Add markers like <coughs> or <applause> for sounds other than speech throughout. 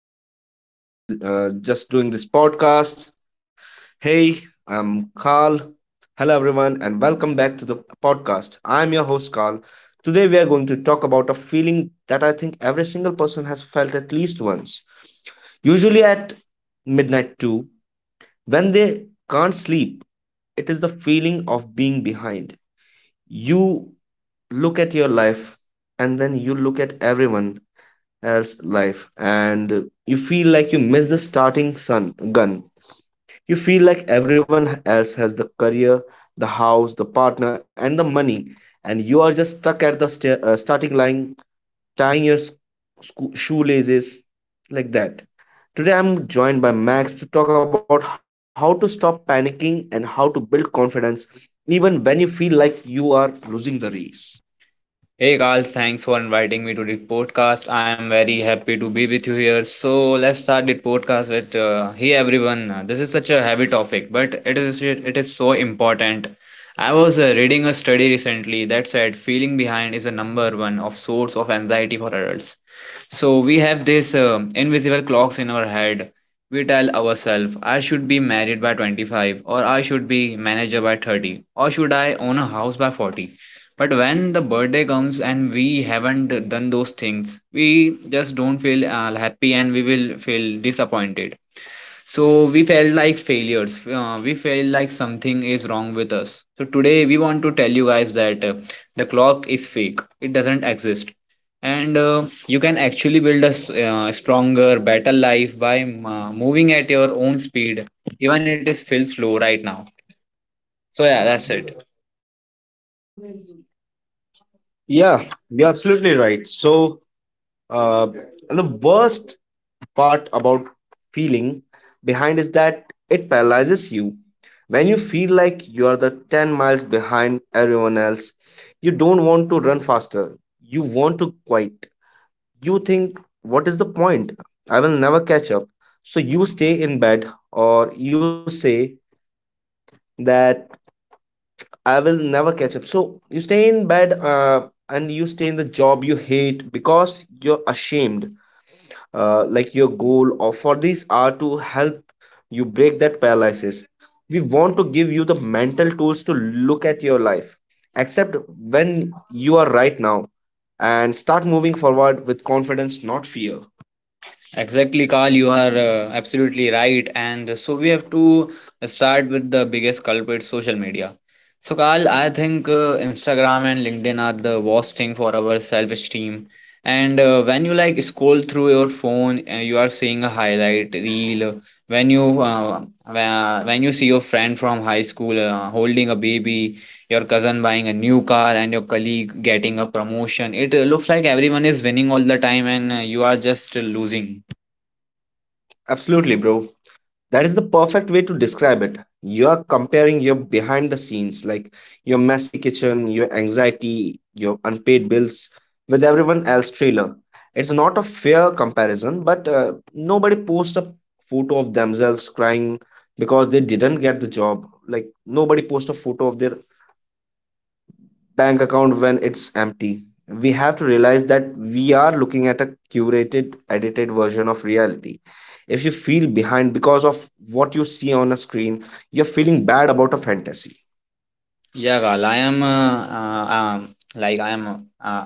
are just just doing this podcast. Hey, I'm Carl. Hello everyone, and welcome back to the podcast. I'm your host Carl. Today we are going to talk about a feeling that I think every single person has felt at least once. Usually at midnight too, when they can't sleep, it is the feeling of being behind. You look at your life, and then you look at everyone as life and you feel like you miss the starting sun gun, you feel like everyone else has the career, the house, the partner and the money, and you are just stuck at the starting line tying your shoelaces like that. Today I'm joined by Max to talk about how to stop panicking and how to build confidence even when you feel like you are losing the race. Hey guys, thanks for inviting me to this podcast. I am very happy to be with you here. So let's start this podcast with hey everyone. This is such a heavy topic, but it is so important. I was reading a study recently that said feeling behind is a number one of source of anxiety for adults. So we have this invisible clocks in our head. We tell ourselves, I should be married by 25, or I should be manager by 30, or should I own a house by 40? But when the birthday comes and we haven't done those things, we just don't feel happy, and we will feel disappointed. So we felt like failures. We felt like something is wrong with us. So today we want to tell you guys that the clock is fake, it doesn't exist. And You can actually build a stronger, better life by moving at your own speed, even it is feels slow right now. So yeah, that's it. Yeah, you're absolutely right. So uh, the worst part about feeling behind is that it paralyzes you. When you feel like you are the 10 miles behind everyone else, you don't want to run faster. You want to quit. You think, what is the point? I will never catch up. So you stay in bed, or you say that I will never catch up. So you stay in bed and you stay in the job you hate because you're ashamed. Like your goal or for these are to help you break that paralysis. We want to give you the mental tools to look at your life, accept when you are right now, and start moving forward with confidence, not fear. Exactly, Carl, you are absolutely right. And so we have to start with the biggest culprit, social media. So, Carl, I think Instagram and LinkedIn are the worst thing for our self-esteem. And when you like scroll through your phone, you are seeing a highlight reel. When you when you see your friend from high school holding a baby, your cousin buying a new car, and your colleague getting a promotion, it looks like everyone is winning all the time, and you are just losing. Absolutely, bro. That is the perfect way to describe it. You're comparing your behind the scenes, like your messy kitchen, your anxiety, your unpaid bills, with everyone else's trailer. It's not a fair comparison, but nobody posts a photo of themselves crying because they didn't get the job. Like nobody posts a photo of their bank account when it's empty. We have to realize that we are looking at a curated, edited version of reality. If you feel behind because of what you see on a screen, you're feeling bad about a fantasy. Yeah, Gal, I am like I am.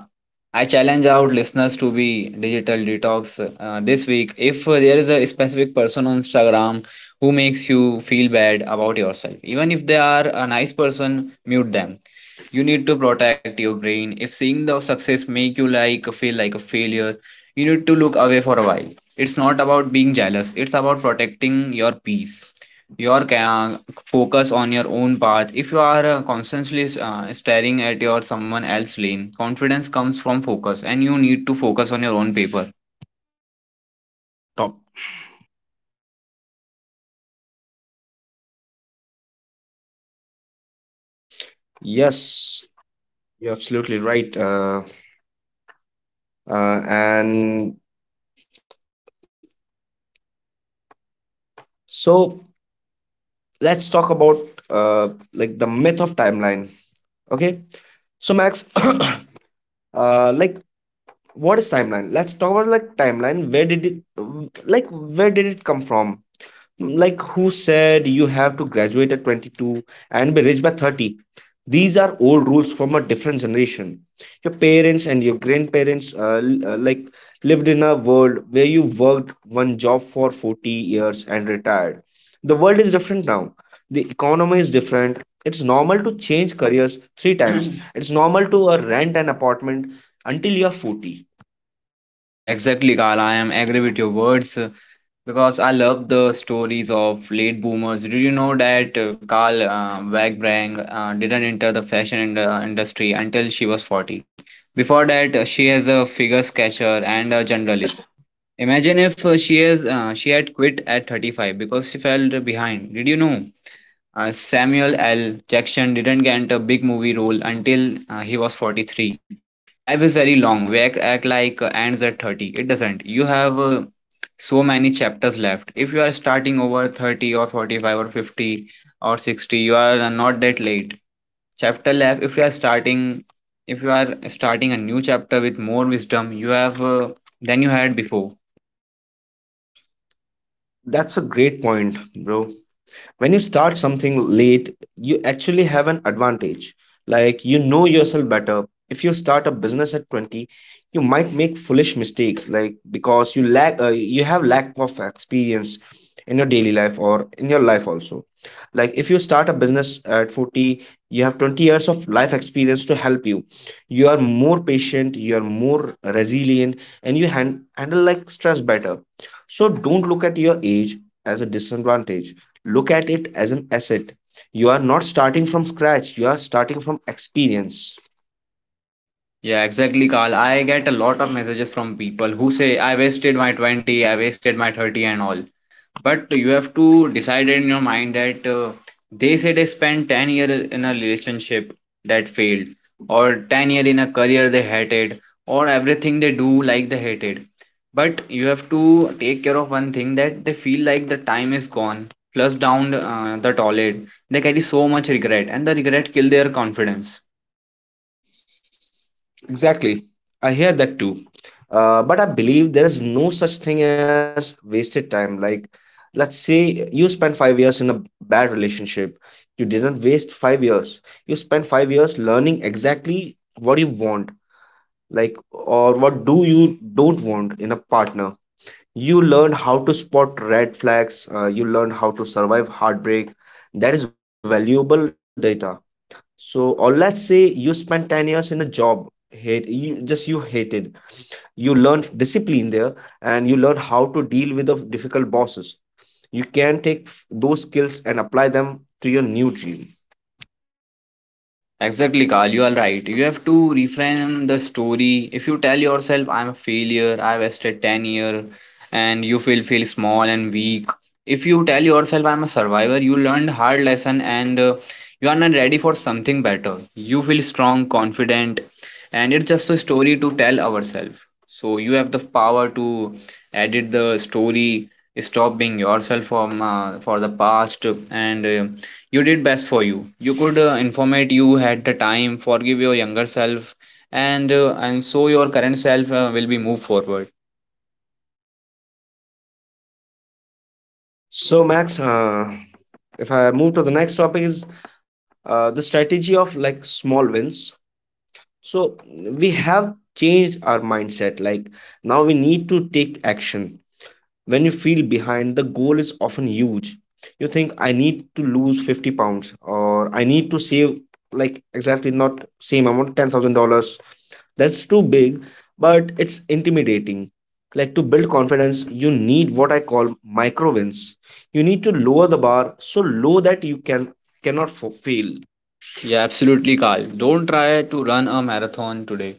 I challenge out listeners to be digital detox this week. If there is a specific person on Instagram who makes you feel bad about yourself, even if they are a nice person, mute them. You need to protect your brain. If seeing the success make you like feel like a failure, you need to look away for a while. It's not about being jealous, it's about protecting your peace. your ca- Focus on your own path. If you are constantly staring at your someone else lane, confidence comes from focus, and you need to focus on your own paper. Top. Yes, you're absolutely right. And so let's talk about uh, like the myth of timeline. Okay. So Max, <coughs> <clears throat> like what is timeline? Let's talk about like timeline. Where did it, like where did it come from, like who said you have to graduate at 22 and be rich by 30? These are old rules from a different generation. Your parents and your grandparents like lived in a world where you worked one job for 40 years and retired. The world is different now. The economy is different. It's normal to change careers three times. <clears throat> It's normal to rent an apartment until you're 40. Yeah, exactly, Carl. I am agree with your words because I love the stories of late boomers. Did you know that Carl Wagbrand didn't enter the fashion in industry until she was 40? Before that, she is a figure sketcher and a journalist. Imagine if she had quit at 35 because she felt behind. Did you know Samuel L. Jackson didn't get a big movie role until he was 43? Life is very long. We act like ends at 30. It doesn't. You have so many chapters left. If you are starting over 30 or 45 or 50 or 60, you are not that late. Chapter left. If you are starting a new chapter with more wisdom, you have than you had before. That's a great point, bro. When you start something late, you actually have an advantage. Like you know yourself better. If you start a business at 20, you might make foolish mistakes like because you have lack of experience in your daily life or in your life also. Like if you start a business at 40, you have 20 years of life experience to help you. You are more patient, you are more resilient, and you handle like stress better. So don't look at your age as a disadvantage, look at it as an asset. You are not starting from scratch, you are starting from experience. Yeah, exactly, Carl. I get a lot of messages from people who say, I wasted my 20, I wasted my 30, and all. But you have to decide in your mind that they say they spent 10 years in a relationship that failed, or 10 years in a career they hated, or everything they do like they hated. But you have to take care of one thing that they feel like the time is gone, plus down the toilet. They carry so much regret, and the regret kill their confidence. Exactly, I hear that too. But I believe there is no such thing as wasted time. Like let's say you spent 5 years in a bad relationship. You didn't waste 5 years, you spent 5 years learning exactly what you want, like, or what do you don't want in a partner. You learn how to spot red flags, you learn how to survive heartbreak. That is valuable data. So or let's say you spent 10 years in a job hate you just you hated. You learn discipline there, and you learn how to deal with the difficult bosses. You can take those skills and apply them to your new dream. Exactly, Carl. You are right. You have to reframe the story. If you tell yourself, I'm a failure, I wasted 10 years, and you feel small and weak. If you tell yourself, I'm a survivor, you learned hard lesson, and you are not ready for something better. You feel strong, confident, and it's just a story to tell ourselves. So you have the power to edit the story, stop being yourself from for the past, and you did best for you. You could informate you had the time. Forgive your younger self, and and so your current self will be moved forward. So Max, if I move to the next topic is the strategy of like small wins. So we have changed our mindset. Like now we need to take action. When you feel behind, the goal is often huge. You think I need to lose 50 pounds, or I need to save like exactly not same amount $10,000. That's too big, but it's intimidating. Like to build confidence you need what I call micro wins. You need to lower the bar so low that you can cannot fail. Yeah, absolutely, Carl. Don't try to run a marathon today.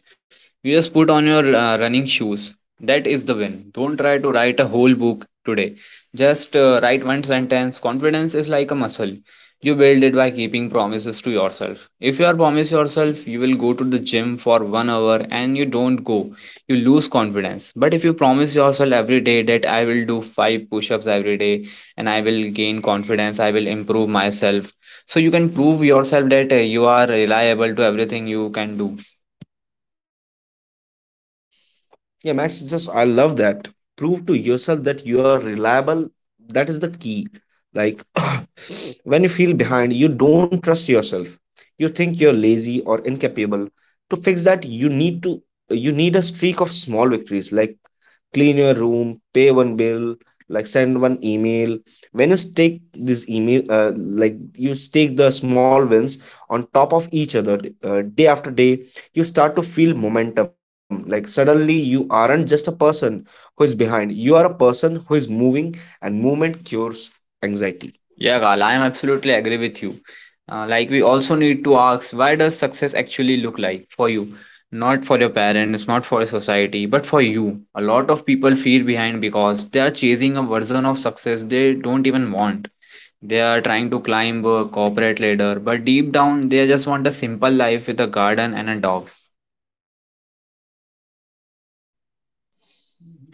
You just put on your running shoes. That is the win. Don't try to write a whole book today. Just write one sentence. Confidence is like a muscle. You build it by keeping promises to yourself. If you are promise yourself you will go to the gym for 1 hour and you don't go, you lose confidence. But if you promise yourself every day that I will do 5 push ups every day, and I will gain confidence, I will improve myself, so you can prove yourself that you are reliable to everything you can do. Yeah, Max, just I love that. Prove to yourself that you are reliable. That is the key. Like <coughs> <clears throat> when you feel behind, you don't trust yourself. You think you're lazy or incapable. To fix that, you need a streak of small victories. Like clean your room, pay one bill, like send one email. When you stake this email, like you stake the small wins on top of each other day after day, you start to feel momentum. Like suddenly you aren't just a person who is behind, you are a person who is moving, and movement cures anxiety. Yeah, Gal, I am absolutely agree with you. Like we also need to ask, why does success actually look like for you? Not for your parents, not for society, but for you. A lot of people feel behind because they are chasing a version of success they don't even want. They are trying to climb a corporate ladder, but deep down they just want a simple life with a garden and a dog.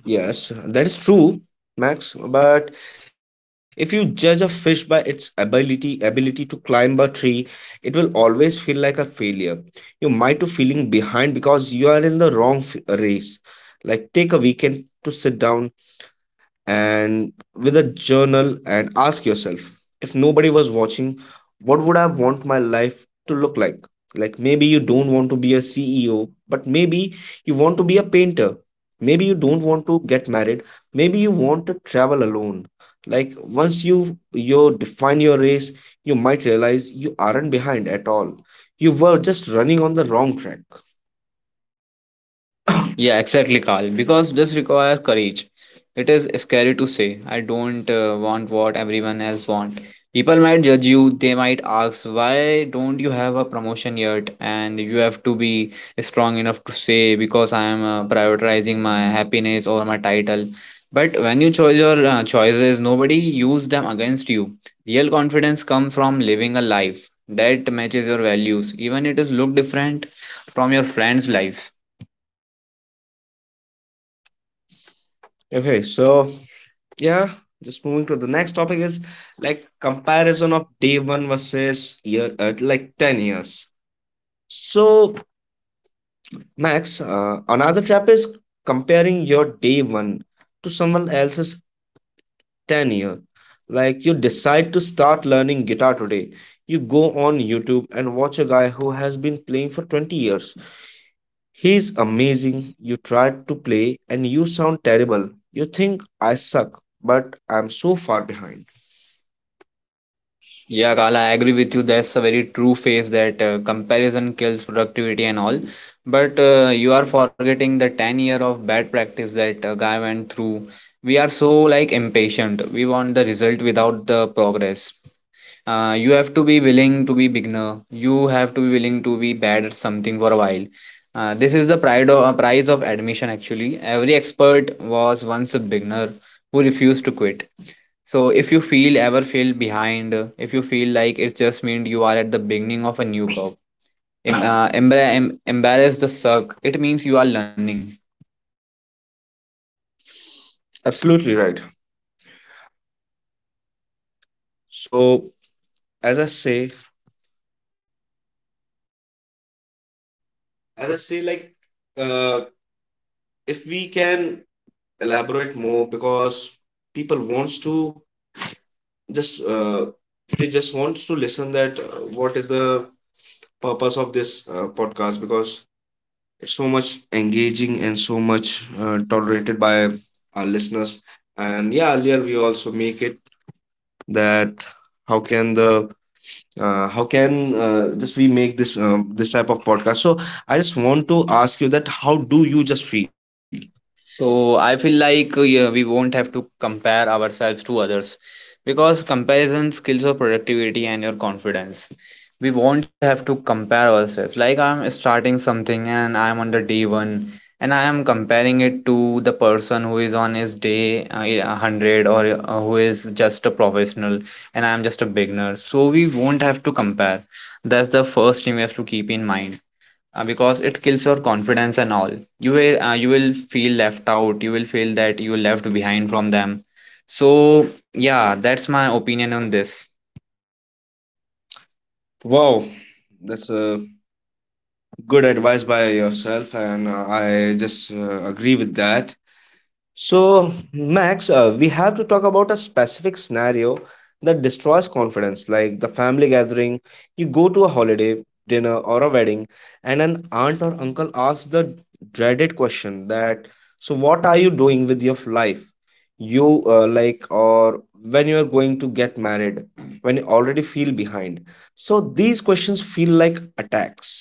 Yes, that is true, Max. But if you judge a fish by its ability to climb a tree, it will always feel like a failure. You might be feeling behind because you are in the wrong race. Like take a weekend to sit down, and with a journal and ask yourself, if nobody was watching, what would I want my life to look like? Like maybe you don't want to be a CEO, but maybe you want to be a painter. Maybe you don't want to get married, maybe you want to travel alone. Like once you define your race, you might realize you aren't behind at all, you were just running on the wrong track. Yeah, exactly, Carl. Because this requires courage. It is scary to say, I don't want what everyone else want. People might judge you, they might ask, why don't you have a promotion yet? And you have to be strong enough to say, because I am prioritizing my happiness over my title. But when you choose your choices, nobody use them against you. Real confidence comes from living a life that matches your values, even it is look different from your friends' lives. Okay, so yeah, just moving to the next topic is like comparison of day one versus year, like 10 years. So Max, another trap is comparing your day one to someone else's 10 year. Like you decide to start learning guitar today, you go on YouTube and watch a guy who has been playing for 20 years. He's amazing. You try to play and you sound terrible. You think I suck, but I'm so far behind. Yeah, Kala, I agree with you. That's a very true phase that comparison kills productivity and all. But you are forgetting the 10 year of bad practice that guy went through. We are so like impatient. We want the result without the progress. You have to be willing to be beginner. You have to be willing to be bad at something for a while. This is the pride of, price of admission actually. Every expert was once a beginner who refused to quit. So if you feel ever feel behind, if you feel like it just means you are at the beginning of a new curve, embrace the suck. It means you are learning. Absolutely right. So as I say, as I say, like uh, if we can elaborate more because people wants to just they just wants to listen that what is the purpose of this podcast, because it's so much engaging and so much tolerated by our listeners. And yeah, earlier we also make it that how can the how can just we make this this type of podcast. So I just want to ask you that how do you just feel? So I feel like yeah, we won't have to compare ourselves to others because comparison kills your productivity and your confidence. We won't have to compare ourselves. Like I'm starting something and I'm on the day one, and I am comparing it to the person who is on his day yeah, 100, or who is just a professional, and I'm just a beginner. So we won't have to compare. That's the first thing we have to keep in mind because it kills your confidence and all. You will feel left out, you will feel that you left behind from them. So yeah, that's my opinion on this. Wow, that's a good advice by yourself, and I just agree with that. So, Max, we have to talk about a specific scenario that destroys confidence, like the family gathering. You go to a holiday dinner or a wedding, and an aunt or uncle asks the dreaded question that, "So, what are you doing with your life? You like, or when you are going to get married, when you already feel behind." So, these questions feel like attacks.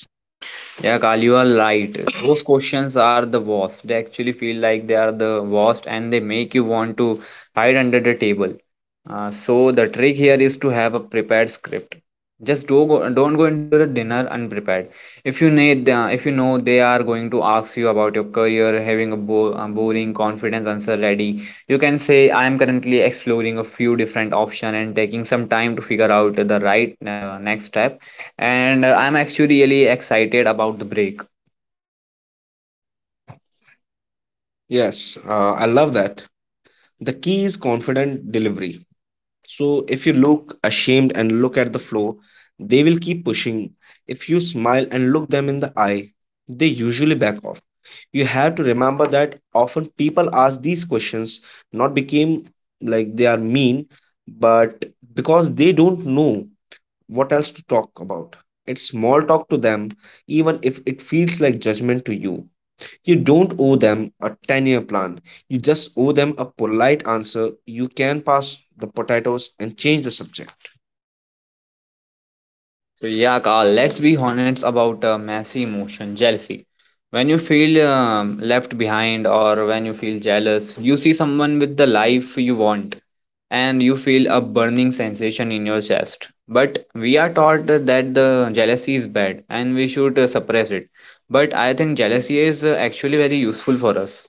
Yeah, Kal, you are right, those questions are the worst. They actually feel like they are the worst, and they make you want to hide under the table. So the trick here is to have a prepared script. Don't go into the dinner unprepared. If you need, if you know they are going to ask you about your career, having a, a boring confidence answer ready, you can say, "I am currently exploring a few different options and taking some time to figure out the right next step." And I'm actually really excited about the break. Yes, I love that. The key is confident delivery. So if you look ashamed and look at the floor, they will keep pushing. If you smile and look them in the eye, they usually back off. You have to remember that often people ask these questions not became like they are mean, but because they don't know what else to talk about. It's small talk to them, even if it feels like judgment to you. You don't owe them a 10-year plan. You just owe them a polite answer. You can pass the potatoes and change the subject. So yeah, Carl, let's be honest about messy emotion, jealousy. When you feel left behind, or when you feel jealous, you see someone with the life you want, and you feel a burning sensation in your chest. But we are taught that the jealousy is bad and we should suppress it. But I think jealousy is actually very useful for us.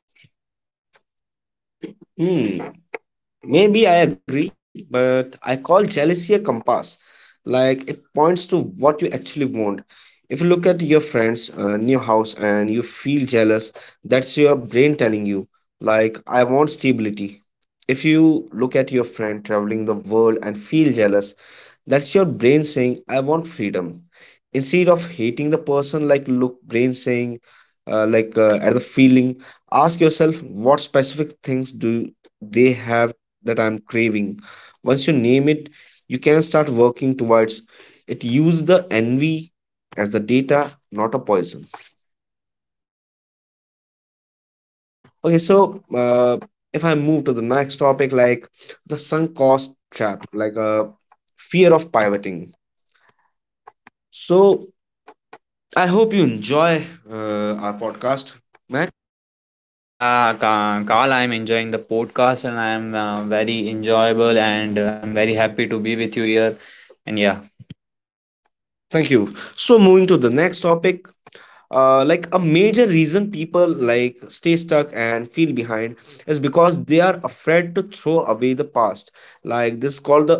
Hmm, maybe I agree, but I call jealousy a compass. Like it points to what you actually want. If you look at your friends' new house and you feel jealous, that's your brain telling you, like, I want stability. If you look at your friend traveling the world and feel jealous, that's your brain saying, I want freedom. Instead of hating the person, like look, brain saying, at the feeling, ask yourself, what specific things do they have that I'm craving? Once you name it, you can start working towards it. Use the envy as the data, not a poison. Okay, so if I move to the next topic, like the sunk cost trap, like a fear of pivoting. So I hope you enjoy our podcast, Mac. Yeah, Carl, I'm enjoying the podcast, and I'm very enjoyable, and I'm very happy to be with you here. And yeah. Thank you. So, moving to the next topic, like a major reason people stay stuck and feel behind is because they are afraid to throw away the past. Like this is called the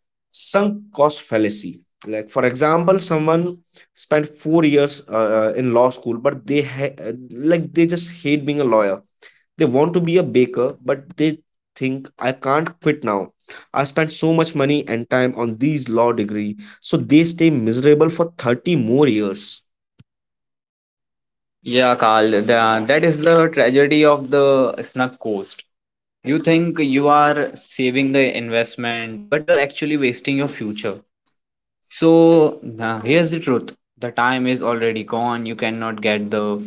<clears throat> sunk cost fallacy. Like for example, someone spent 4 years in law school, but they ha- like they just hate being a lawyer. They want to be a baker, but they think, "I can't quit now. I spent so much money and time on these law degree," so they stay miserable for 30 more years. Yeah, Carl, that is the tragedy of the snug cost. You think you are saving the investment, but you are actually wasting your future. So here's the truth: the time is already gone. You cannot get the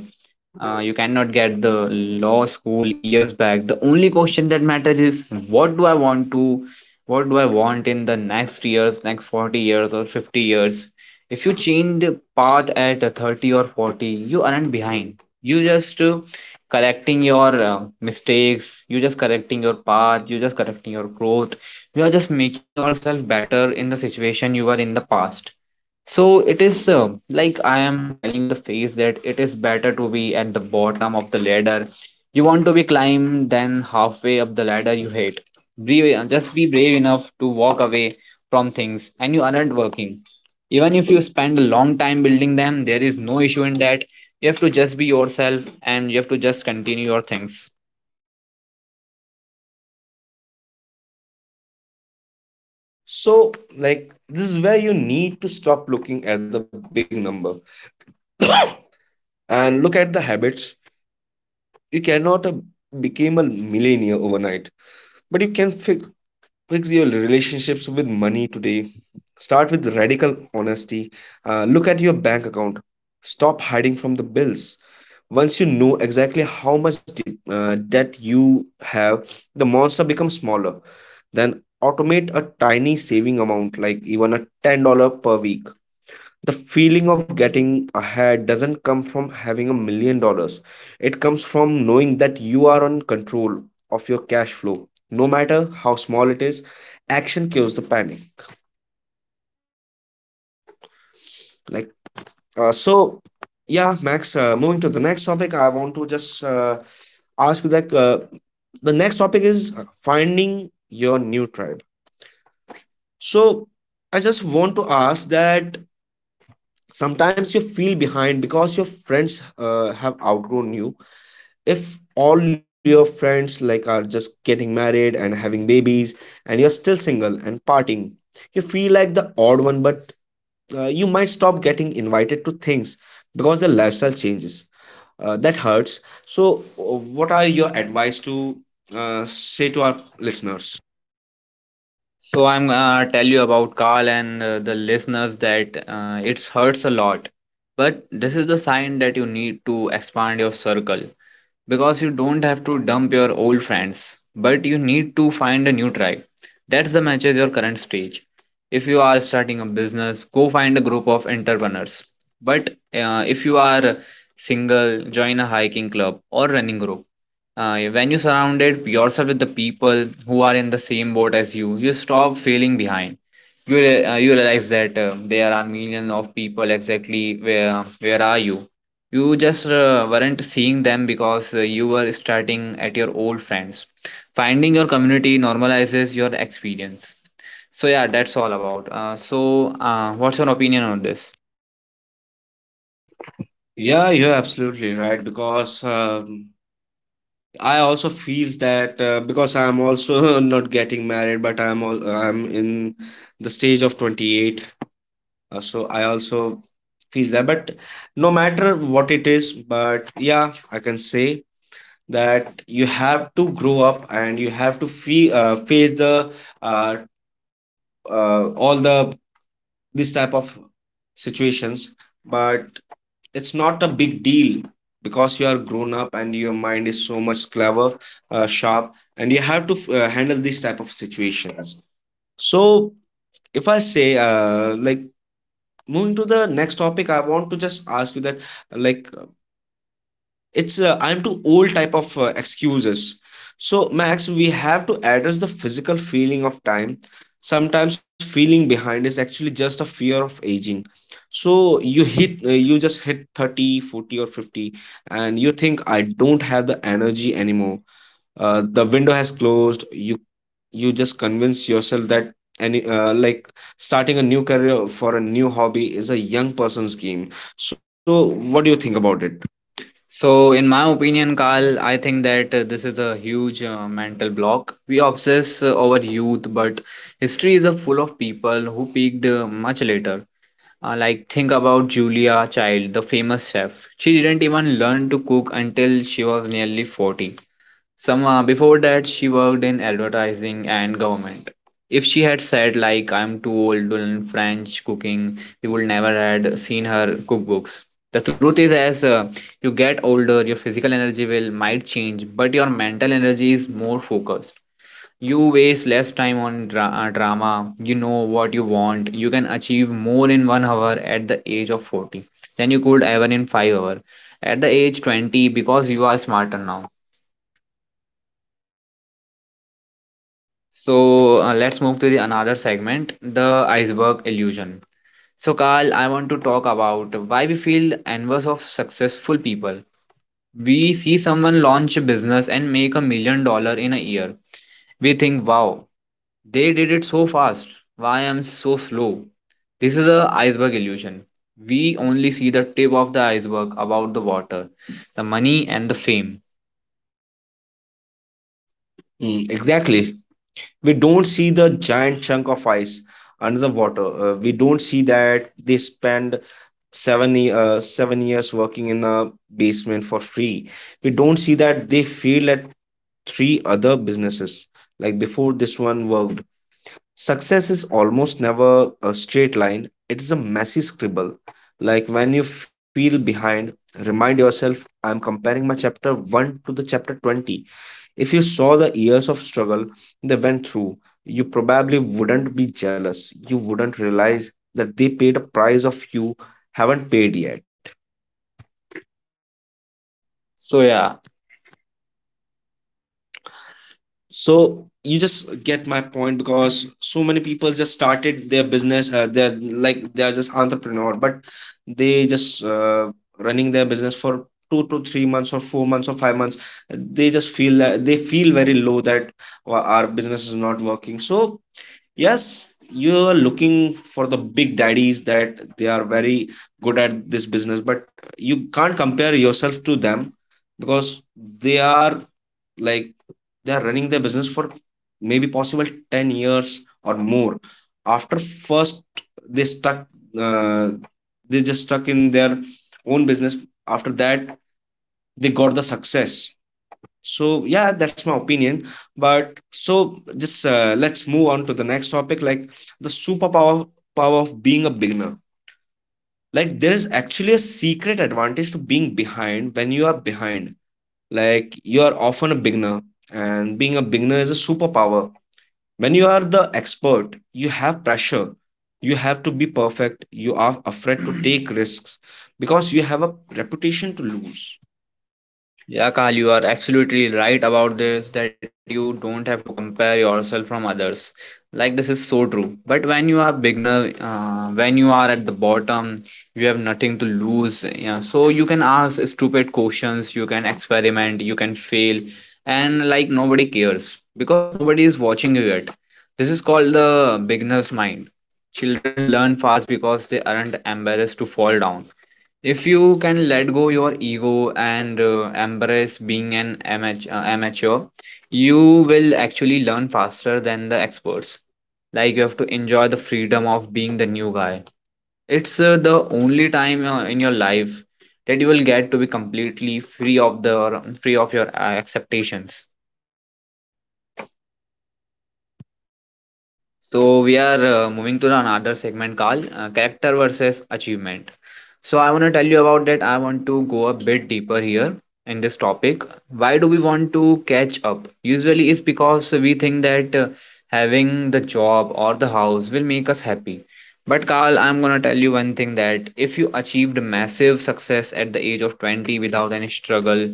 uh, You cannot get the law school years back. The only question that matters is what do I want in the next years, next 40 years or 50 years. If you change the path at 30 or 40, you aren't behind. You just correcting your mistakes. You just correcting your path. You just correcting your growth. You are just making yourself better in the situation you were in the past. So it is like I am telling you the phase that it is better to be at the bottom of the ladder you want to be climbed than halfway up the ladder you hate. Brave, just be brave enough to walk away from things and you aren't working even if you spend a long time building them. There is no issue in that. You have to just be yourself and you have to just continue your things. So, like this is where you need to stop looking at the big number and look at the habits. You cannot become a millionaire overnight, but you can fix your relationships with money today. Start with radical honesty. Look at your bank account. Stop hiding from the bills. Once you know exactly how much debt you have, the monster becomes smaller. Then automate a tiny saving amount, like even a $10 per week. The feeling of getting ahead doesn't come from having $1 million. It comes from knowing that you are on control of your cash flow, no matter how small it is. Action kills the panic. Like uh, so, yeah, Max, moving to the next topic, I want to just ask you that, the next topic is finding your new tribe. So I just want to ask that sometimes you feel behind because your friends have outgrown you. If all your friends are just getting married and having babies, and you're still single and partying, you feel like the odd one. But you might stop getting invited to things because the lifestyle changes. That hurts. So, what are your advice to say to our listeners? So I'm gonna tell you about Carl and the listeners that it hurts a lot, but this is the sign that you need to expand your circle because you don't have to dump your old friends, but you need to find a new tribe. That's the matches your current stage. If you are starting a business, go find a group of entrepreneurs. But if you are single, join a hiking club or running group. When you surrounded yourself with the people who are in the same boat as you, you stop feeling behind. You realize that there are millions of people exactly where are you? You just weren't seeing them because you were starting at your old friends. Finding your community normalizes your experience. So yeah, that's all about. So what's your opinion on this? Yeah, you're absolutely right because I also feels that, because I'm also <laughs> not getting married, but I'm in the stage of 28, so I also feel that. But no matter what it is, but yeah, I can say that you have to grow up and you have to feel face the uh, all the this type of situations. But it's not a big deal because you are grown up and your mind is so much clever, sharp, and you have to handle these type of situations. So, if I say, moving to the next topic, I want to just ask you that, it's, I'm too old type of excuses. So, Max, we have to address the physical feeling of time. Sometimes feeling behind is actually just a fear of aging. So you just hit 30, 40, or 50, and you think, "I don't have the energy anymore. The window has closed." you just convince yourself that any, starting a new career for a new hobby is a young person's game. So what do you think about it? So, in my opinion, Carl, I think that this is a huge mental block. We obsess over youth, but history is full of people who peaked much later. Like, think about Julia Child, the famous chef. She didn't even learn to cook until she was nearly 40. Some Before that she worked in advertising and government. If she had said like I'm too old to learn French cooking, we would never had seen her cookbooks. The truth is, as you get older, your physical energy will might change, but your mental energy is more focused. You waste less time on drama. You know what you want. You can achieve more in 1 hour at the age of 40 than you could ever in 5 hours at the age 20 because you are smarter now. So let's move to the another segment, the iceberg illusion. So Carl, I want to talk about why we feel envious of successful people. We see someone launch a business and make $1 million in a year. We think, wow, they did it so fast. Why I'm so slow? This is the iceberg illusion. We only see the tip of the iceberg about the water, the money and the fame. Mm, exactly, we don't see the giant chunk of ice under the water. We don't see that they spend seven 7 years working in a basement for free. We don't see that they failed at three other businesses before this one worked. Success is almost never a straight line. It is a messy scribble. Like when you feel behind, remind yourself, "I'm comparing my chapter 1 to the chapter 20." If you saw the years of struggle they went through, you probably wouldn't be jealous. You wouldn't realize that they paid a price of you haven't paid yet. So yeah. So you just get my point, because so many people just started their business. They are just entrepreneur, but they just running their business for 2 to 3 months or 4 months or 5 months. They just feel that they feel very low that, our business is not working." So yes, you're looking for the big daddies that they are very good at this business, but you can't compare yourself to them because they are, like they are running their business for maybe possible 10 years or more. After first they stuck, uh, they just stuck in their own business. After that, they got the success. So yeah, that's my opinion. But so, just let's move on to the next topic, like the superpower power of being a beginner. Like there is actually a secret advantage to being behind. When you are behind, you are often a beginner, and being a beginner is a superpower. When you are the expert, you have pressure. You have to be perfect. You are afraid to take risks because you have a reputation to lose. Yeah, Kal, you are absolutely right about this that you don't have to compare yourself from others. Like this is so true. But when you are beginner, when you are at the bottom, you have nothing to lose. Yeah, so you can ask stupid questions, you can experiment, you can fail, and like nobody cares because nobody is watching you yet. This is called the beginner's mind. Children learn fast because they aren't embarrassed to fall down if you can let go your ego and embrace being an amateur, you will actually learn faster than the experts. Like you have to enjoy the freedom of being the new guy. It's the only time in your life that you will get to be completely free of the free of your expectations. So we are moving to the another segment called character versus achievement. So I want to tell you about that. I want to go a bit deeper here in this topic. Why do we want to catch up? Usually it's because we think that having the job or the house will make us happy. But Carl, I'm gonna tell you one thing that if you achieved massive success at the age of 20 without any struggle,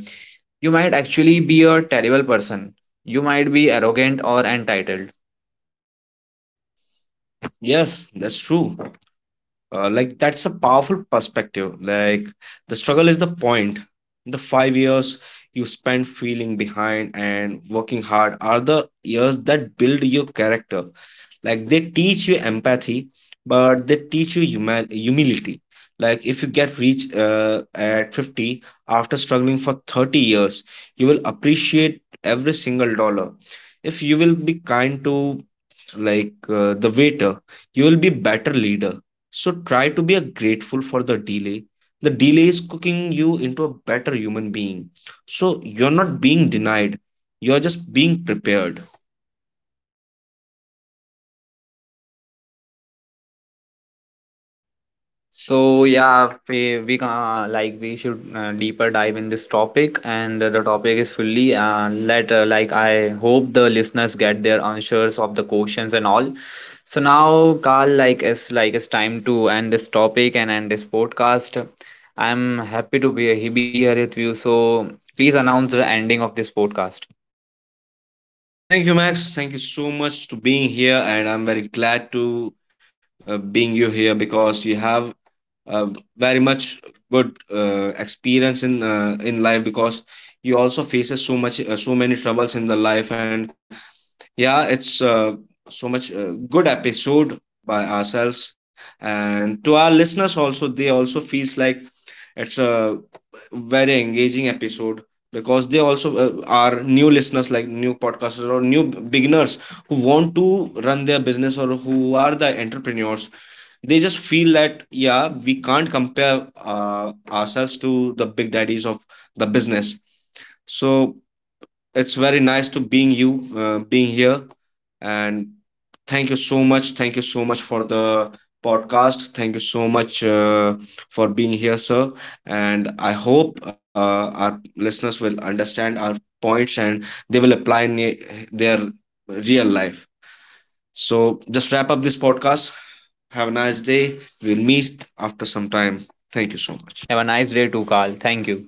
you might actually be a terrible person. You might be arrogant or entitled. Yes, that's true. That's a powerful perspective. Like the struggle is the point. The 5 years you spend feeling behind and working hard are the years that build your character. Like they teach you empathy, but they teach you humility. Like if you get rich at 50, after struggling for 30 years, you will appreciate every single dollar. If you will be kind to, the waiter, you will be better leader. So try to be a grateful for the delay. The delay is cooking you into a better human being. So you're not being denied, you're just being prepared. So yeah, we can like we should deeper dive in this topic, and the topic is fully let like I hope the listeners get their answers of the questions and all. So now, Carl, it's time to end this topic and end this podcast. I'm happy to be here with you. So please announce the ending of this podcast. Thank you, Max. Thank you so much to being here, and I'm very glad to being you here because you have uh, very much good experience in life, because you also faces so many troubles in the life. And yeah, it's so much good episode by ourselves, and to our listeners also, they also feels like it's a very engaging episode, because they also are new listeners, like new podcasters or new beginners who want to run their business, or who are the entrepreneurs. They just feel that, yeah, we can't compare ourselves to the big daddies of the business. So, it's very nice to being you, being here, and thank you so much. Thank you so much for the podcast. Thank you so much for being here, sir. And I hope our listeners will understand our points, and they will apply in their real life. So just wrap up this podcast. Have a nice day. We'll meet after some time. Thank you so much. Have a nice day too, Carl. Thank you.